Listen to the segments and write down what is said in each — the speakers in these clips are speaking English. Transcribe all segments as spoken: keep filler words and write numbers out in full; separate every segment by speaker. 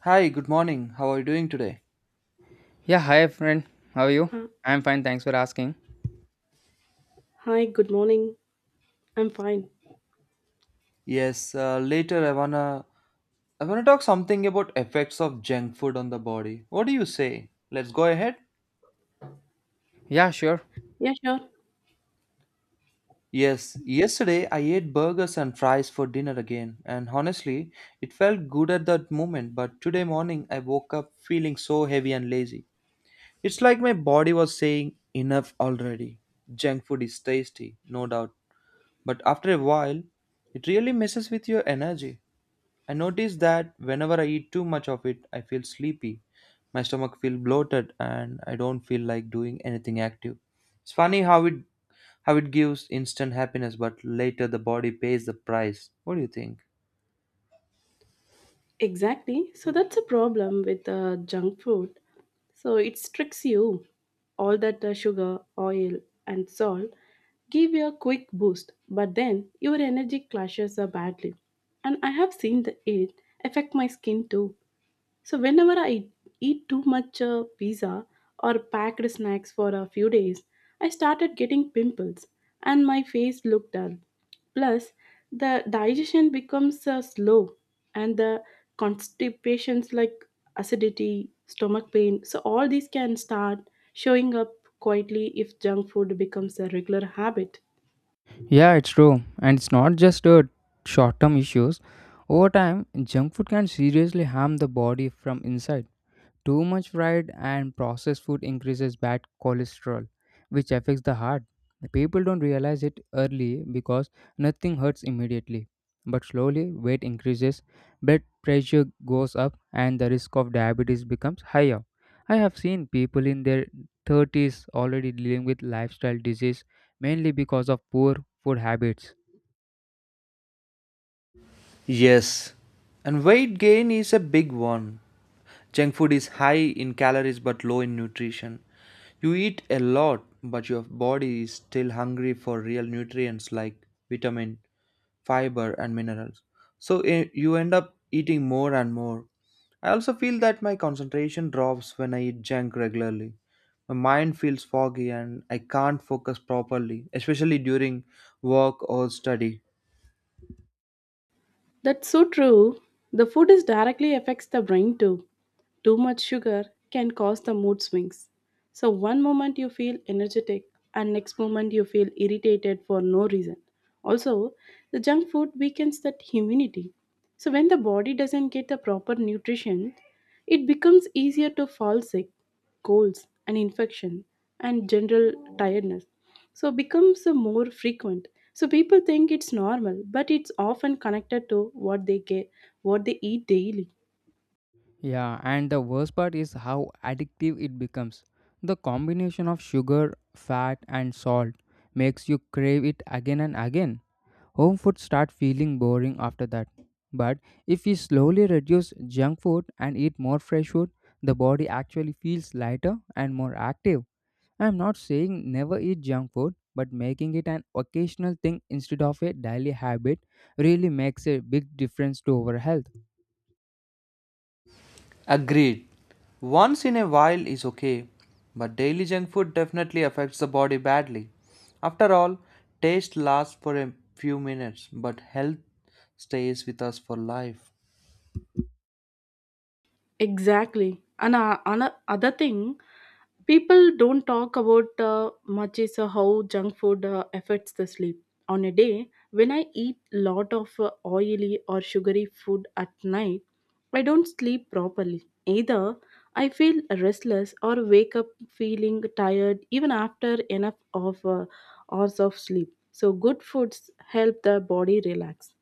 Speaker 1: Hi, good morning. How are you doing today?
Speaker 2: Yeah, hi friend. How are you?
Speaker 3: Huh.
Speaker 2: I'm fine, thanks for asking.
Speaker 3: Hi, good morning. I'm fine.
Speaker 1: Yes, uh, later I wanna I wanna talk something about effects of junk food on the body. What do you say? Let's go ahead.
Speaker 2: Yeah, sure.
Speaker 3: Yeah, sure.
Speaker 1: Yes, yesterday I ate burgers and fries for dinner again, and honestly, it felt good at that moment, but today morning I woke up feeling so heavy and lazy. It's like my body was saying enough already. Junk food is tasty, no doubt, but after a while, it really messes with your energy. I notice that whenever I eat too much of it, I feel sleepy. My stomach feels bloated and I don't feel like doing anything active. It's funny how it how it gives instant happiness but later the body pays the price. What do you think?
Speaker 3: Exactly. So that's a problem with uh, junk food. So it tricks you. All that uh, sugar, oil, and salt give you a quick boost, but then your energy clashes uh, badly. And I have seen the it affect my skin too. So whenever I eat too much uh, pizza or packed snacks for a few days, I started getting pimples and my face looked dull. Plus, the digestion becomes uh, slow and the constipations like acidity, stomach pain. So all these can start showing up quietly if junk food becomes a regular habit.
Speaker 2: Yeah, it's true. And it's not just uh, short term issues. Over time, junk food can seriously harm the body from inside. Too much fried and processed food increases bad cholesterol, which affects the heart. People don't realize it early because nothing hurts immediately. But slowly, weight increases, blood pressure goes up, and the risk of diabetes becomes higher. I have seen people in their thirties already dealing with lifestyle disease mainly because of poor food habits.
Speaker 1: Yes, and weight gain is a big one. Junk food is high in calories but low in nutrition. You eat a lot, but your body is still hungry for real nutrients like vitamin fiber, and minerals. So eh, you end up eating more and more. I also feel that my concentration drops when I eat junk regularly. My mind feels foggy and I can't focus properly, especially during work or study.
Speaker 3: That's so true. The food is directly affects the brain too. Too much sugar can cause the mood swings. So one moment you feel energetic and next moment you feel irritated for no reason. Also, the junk food weakens that immunity. So when the body doesn't get the proper nutrition, it becomes easier to fall sick, colds, and infection, and general tiredness. So becomes uh, more frequent. So people think it's normal, but it's often connected to what they get, what they eat daily.
Speaker 2: Yeah, and the worst part is how addictive it becomes. The combination of sugar, fat, and salt makes you crave it again and again. Home food start feeling boring after that. But if we slowly reduce junk food and eat more fresh food, the body actually feels lighter and more active. I'm not saying never eat junk food, but making it an occasional thing instead of a daily habit really makes a big difference to our health.
Speaker 1: Agreed. Once in a while is okay, but daily junk food definitely affects the body badly. After all, taste lasts for a few minutes, but health stays with us for life.
Speaker 3: Exactly. And uh, ano- other thing people don't talk about uh, much is uh, how junk food uh, affects the sleep on a day when I eat lot of uh, oily or sugary food at night, I don't sleep properly either. I feel restless or wake up feeling tired even after enough of uh, hours of sleep. So good foods help the body relax,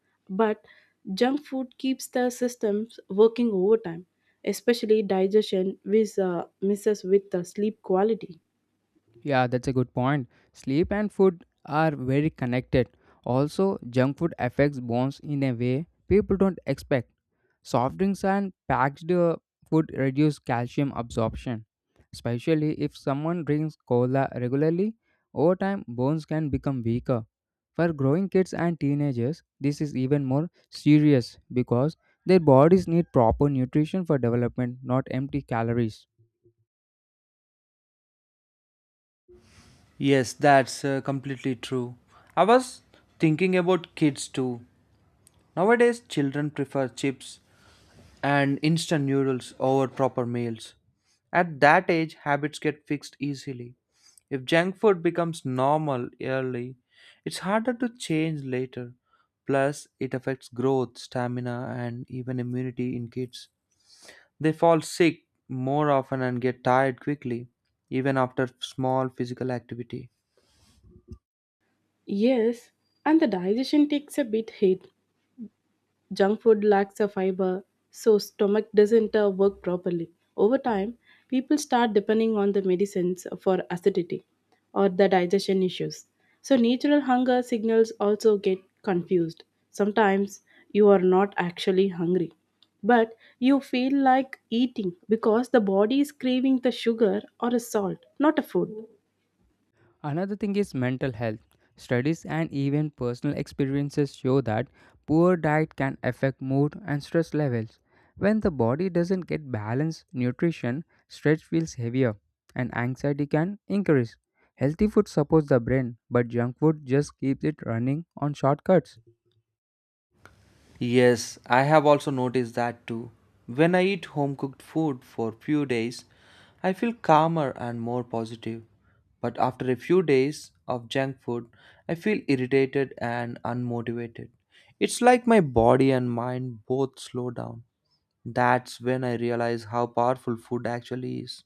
Speaker 3: but junk food keeps the systems working overtime, especially digestion, which uh, misses with the sleep quality.
Speaker 2: Yeah, that's a good point. Sleep and food are very connected. Also, junk food affects bones in a way people don't expect. Soft drinks and packed uh, food reduce calcium absorption. Especially if someone drinks cola regularly, over time bones can become weaker. For growing kids and teenagers, this is even more serious because their bodies need proper nutrition for development, not empty calories.
Speaker 1: Yes, that's uh, completely true. I was thinking about kids too. Nowadays, children prefer chips and instant noodles over proper meals. At that age, habits get fixed easily. If junk food becomes normal early, it's harder to change later. Plus, it affects growth, stamina, and even immunity in kids. They fall sick more often and get tired quickly, even after small physical activity.
Speaker 3: Yes, and the digestion takes a bit hit. Junk food lacks a fiber, so stomach doesn't uh, work properly. Over time, people start depending on the medicines for acidity or the digestion issues. So natural hunger signals also get confused. Sometimes you are not actually hungry, but you feel like eating because the body is craving the sugar or a salt, not a food.
Speaker 2: Another thing is mental health. Studies and even personal experiences show that poor diet can affect mood and stress levels. When the body doesn't get balanced nutrition, stress feels heavier and anxiety can increase. Healthy food supports the brain, but junk food just keeps it running on shortcuts.
Speaker 1: Yes, I have also noticed that too. When I eat home cooked food for few days, I feel calmer and more positive. But after a few days of junk food, I feel irritated and unmotivated. It's like my body and mind both slow down. That's when I realize how powerful food actually is.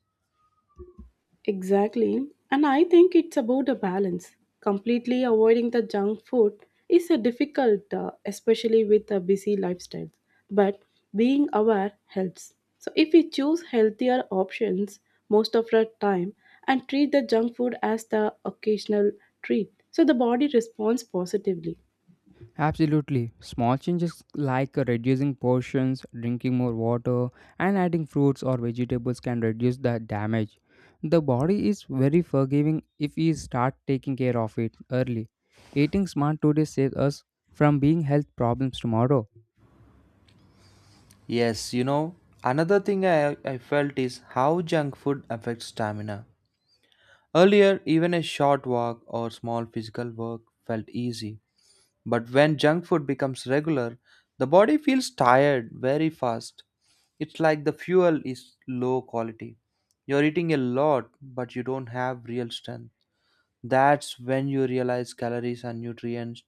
Speaker 3: Exactly. And I think it's about a balance. Completely avoiding the junk food is a difficult, uh, especially with a busy lifestyle. But being aware helps. So if we choose healthier options most of the time and treat the junk food as the occasional treat, so the body responds positively.
Speaker 2: Absolutely. Small changes like reducing portions, drinking more water, and adding fruits or vegetables can reduce the damage. The body is very forgiving if we start taking care of it early. Eating smart today saves us from being health problems tomorrow.
Speaker 1: Yes, you know, another thing I, I felt is how junk food affects stamina. Earlier, even a short walk or small physical work felt easy. But when junk food becomes regular, the body feels tired very fast. It's like the fuel is low quality. You're eating a lot, but you don't have real strength. That's when you realize calories and nutrients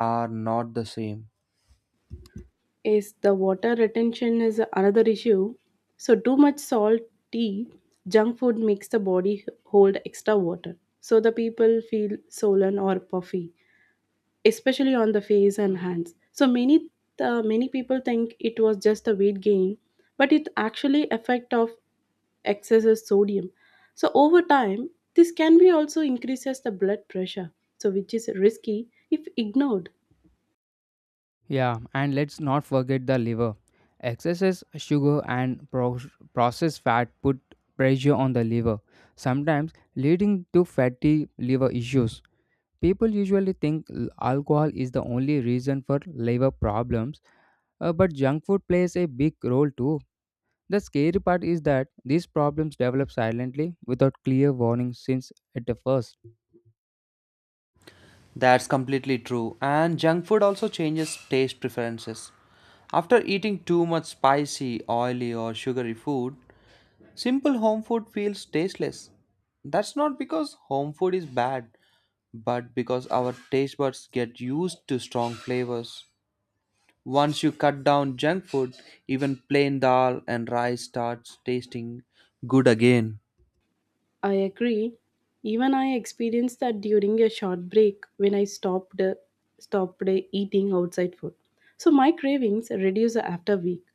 Speaker 1: are not the same.
Speaker 3: Is the water retention is another issue. So too much salt tea, junk food makes the body hold extra water. So the people feel swollen or puffy, especially on the face and hands. So many uh, many people think it was just a weight gain, but it actually effect of excesses sodium. So over time, this can be also increases the blood pressure, so which is risky if ignored.
Speaker 2: Yeah, and let's not forget the liver. Excesses, sugar, and pro- processed fat put pressure on the liver, sometimes leading to fatty liver issues. People usually think l- alcohol is the only reason for liver problems, uh, but junk food plays a big role too. The scary part is that these problems develop silently without clear warning since at the first.
Speaker 1: That's completely true. And junk food also changes taste preferences. After eating too much spicy, oily, or sugary food, simple home food feels tasteless. That's not because home food is bad, but because our taste buds get used to strong flavors. Once you cut down junk food, even plain dal and rice starts tasting good again.
Speaker 3: I agree. Even I experienced that during a short break when I stopped uh, stopped uh, eating outside food. So my cravings reduced after a week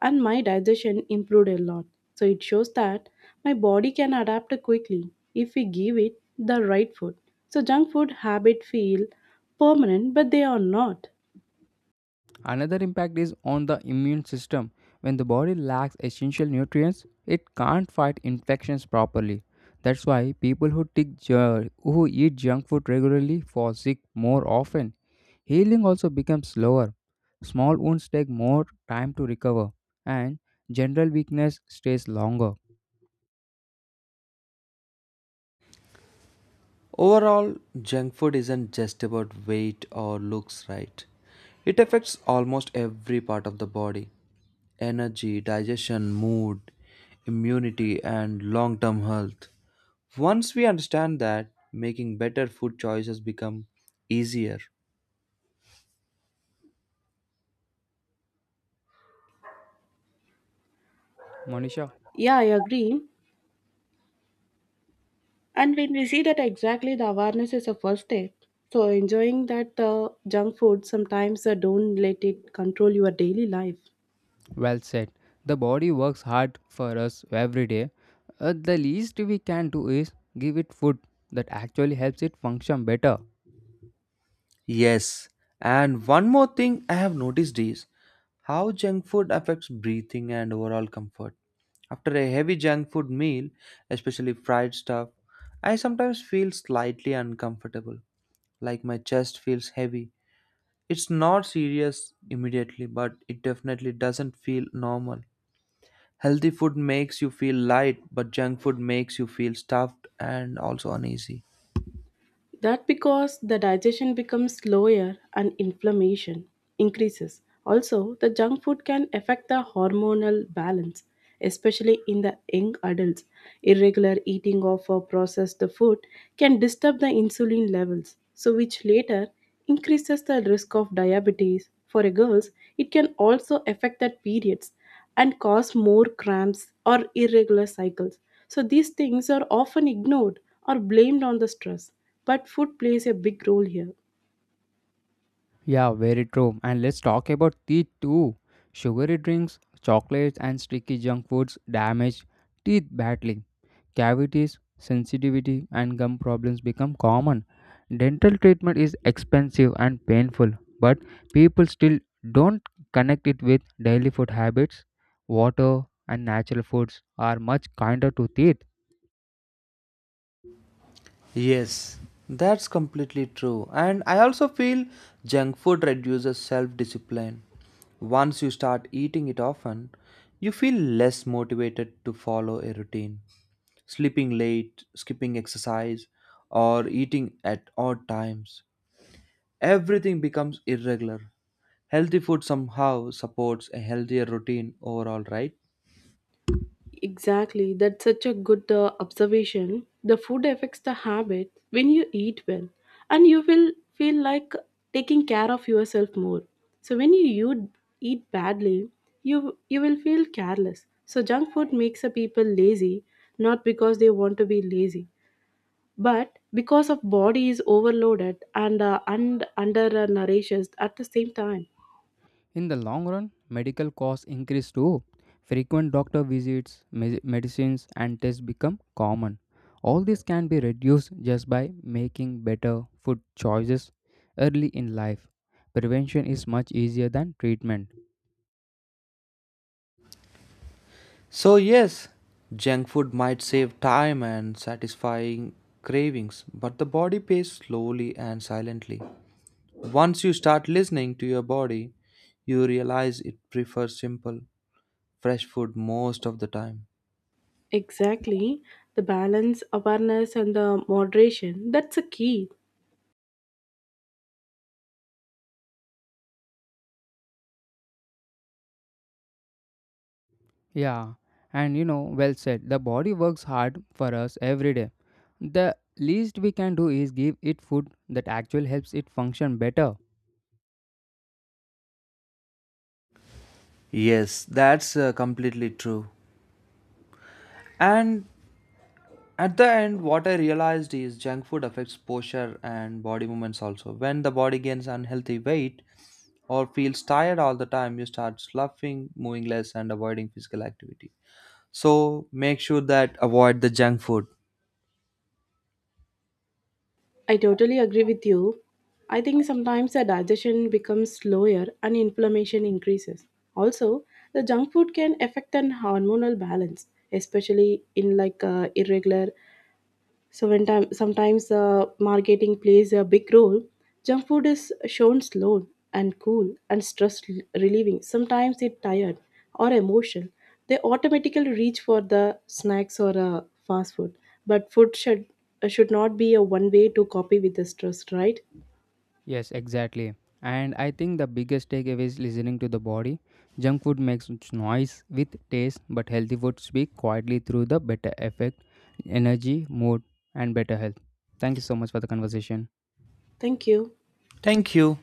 Speaker 3: and my digestion improved a lot. So it shows that my body can adapt quickly if we give it the right food. So junk food habit feel permanent but they are not.
Speaker 2: Another impact is on the immune system. When the body lacks essential nutrients, it can't fight infections properly. That's why people who, take, ju- who eat junk food regularly fall sick more often. Healing also becomes slower. Small wounds take more time to recover, and general weakness stays longer.
Speaker 1: Overall, junk food isn't just about weight or looks right. It affects almost every part of the body energy, digestion, mood, immunity, and long term health. Once we understand that, making better food choices become easier.
Speaker 2: Monisha,
Speaker 3: Yeah, I agree. And when we see that exactly the awareness is a first step, so enjoying that uh, junk food sometimes uh, don't let it control your daily life.
Speaker 2: well said. The body works hard for us every day. Uh, the least we can do is give it food that actually helps it function better.
Speaker 1: Yes, and one more thing I have noticed is how junk food affects breathing and overall comfort. After a heavy junk food meal, especially fried stuff, I sometimes feel slightly uncomfortable, like my chest feels heavy. It's not serious immediately, but it definitely doesn't feel normal. Healthy food makes you feel light, but junk food makes you feel stuffed and also uneasy.
Speaker 3: That because the digestion becomes slower and inflammation increases. Also, the junk food can affect the hormonal balance, especially in the young adults. Irregular eating of a processed food can disturb the insulin levels, so which later increases the risk of diabetes. For a girls, it can also affect the periods and cause more cramps or irregular cycles. So, these things are often ignored or blamed on the stress, but food plays a big role here.
Speaker 2: Yeah, very true. And let's talk about teeth too. Sugary drinks, chocolates, and sticky junk foods damage teeth badly. Cavities, sensitivity, and gum problems become common. Dental treatment is expensive and painful, but people still don't connect it with daily food habits. Water and natural foods are much kinder to teeth.
Speaker 1: Yes, that's completely true. And I also feel junk food reduces self discipline. Once you start eating it often, you feel less motivated to follow a routine. Sleeping late, skipping exercise, or eating at odd times. Everything becomes irregular. Healthy food somehow supports a healthier routine overall, right?
Speaker 3: Exactly, that's such a good uh, observation. The food affects the habit when you eat well, and you will feel like taking care of yourself more. So when you, you eat badly, you you will feel careless. So junk food makes the people lazy, not because they want to be lazy, but because of body is overloaded and uh, and under uh, nourished at the same time.
Speaker 2: In the long run, medical costs increase too. Frequent doctor visits, me- medicines, and tests become common. All this can be reduced just by making better food choices early in life. Prevention is much easier than treatment.
Speaker 1: So, yes, junk food might save time and satisfying cravings, but the body pays slowly and silently. Once you start listening to your body, you realize it prefers simple, fresh food most of the time.
Speaker 3: Exactly, the balance awareness and the moderation, that's a key.
Speaker 2: Yeah, and you know, well said, the body works hard for us every day. The least we can do is give it food that actually helps it function better.
Speaker 1: Yes, that's uh, completely true. And at the end, what I realized is junk food affects posture and body movements also. When the body gains unhealthy weight or feels tired all the time, you start sloughing, moving less, and avoiding physical activity. So make sure that avoid the junk food.
Speaker 3: I totally agree with you. I think sometimes the digestion becomes slower and inflammation increases. Also, the junk food can affect an hormonal balance, especially in like uh, irregular. So when time, sometimes uh, marketing plays a big role, junk food is shown slow and cool and stress relieving. Sometimes it tired or emotional. They automatically reach for the snacks or uh, fast food. But food should uh, should not be a one way to copy with the stress, right?
Speaker 2: Yes, exactly. And I think the biggest takeaway is listening to the body. Junk food makes its noise with taste, but healthy food speak quietly through the better effect, energy, mood, and better health. Thank you so much for the conversation.
Speaker 3: Thank you.
Speaker 1: Thank you.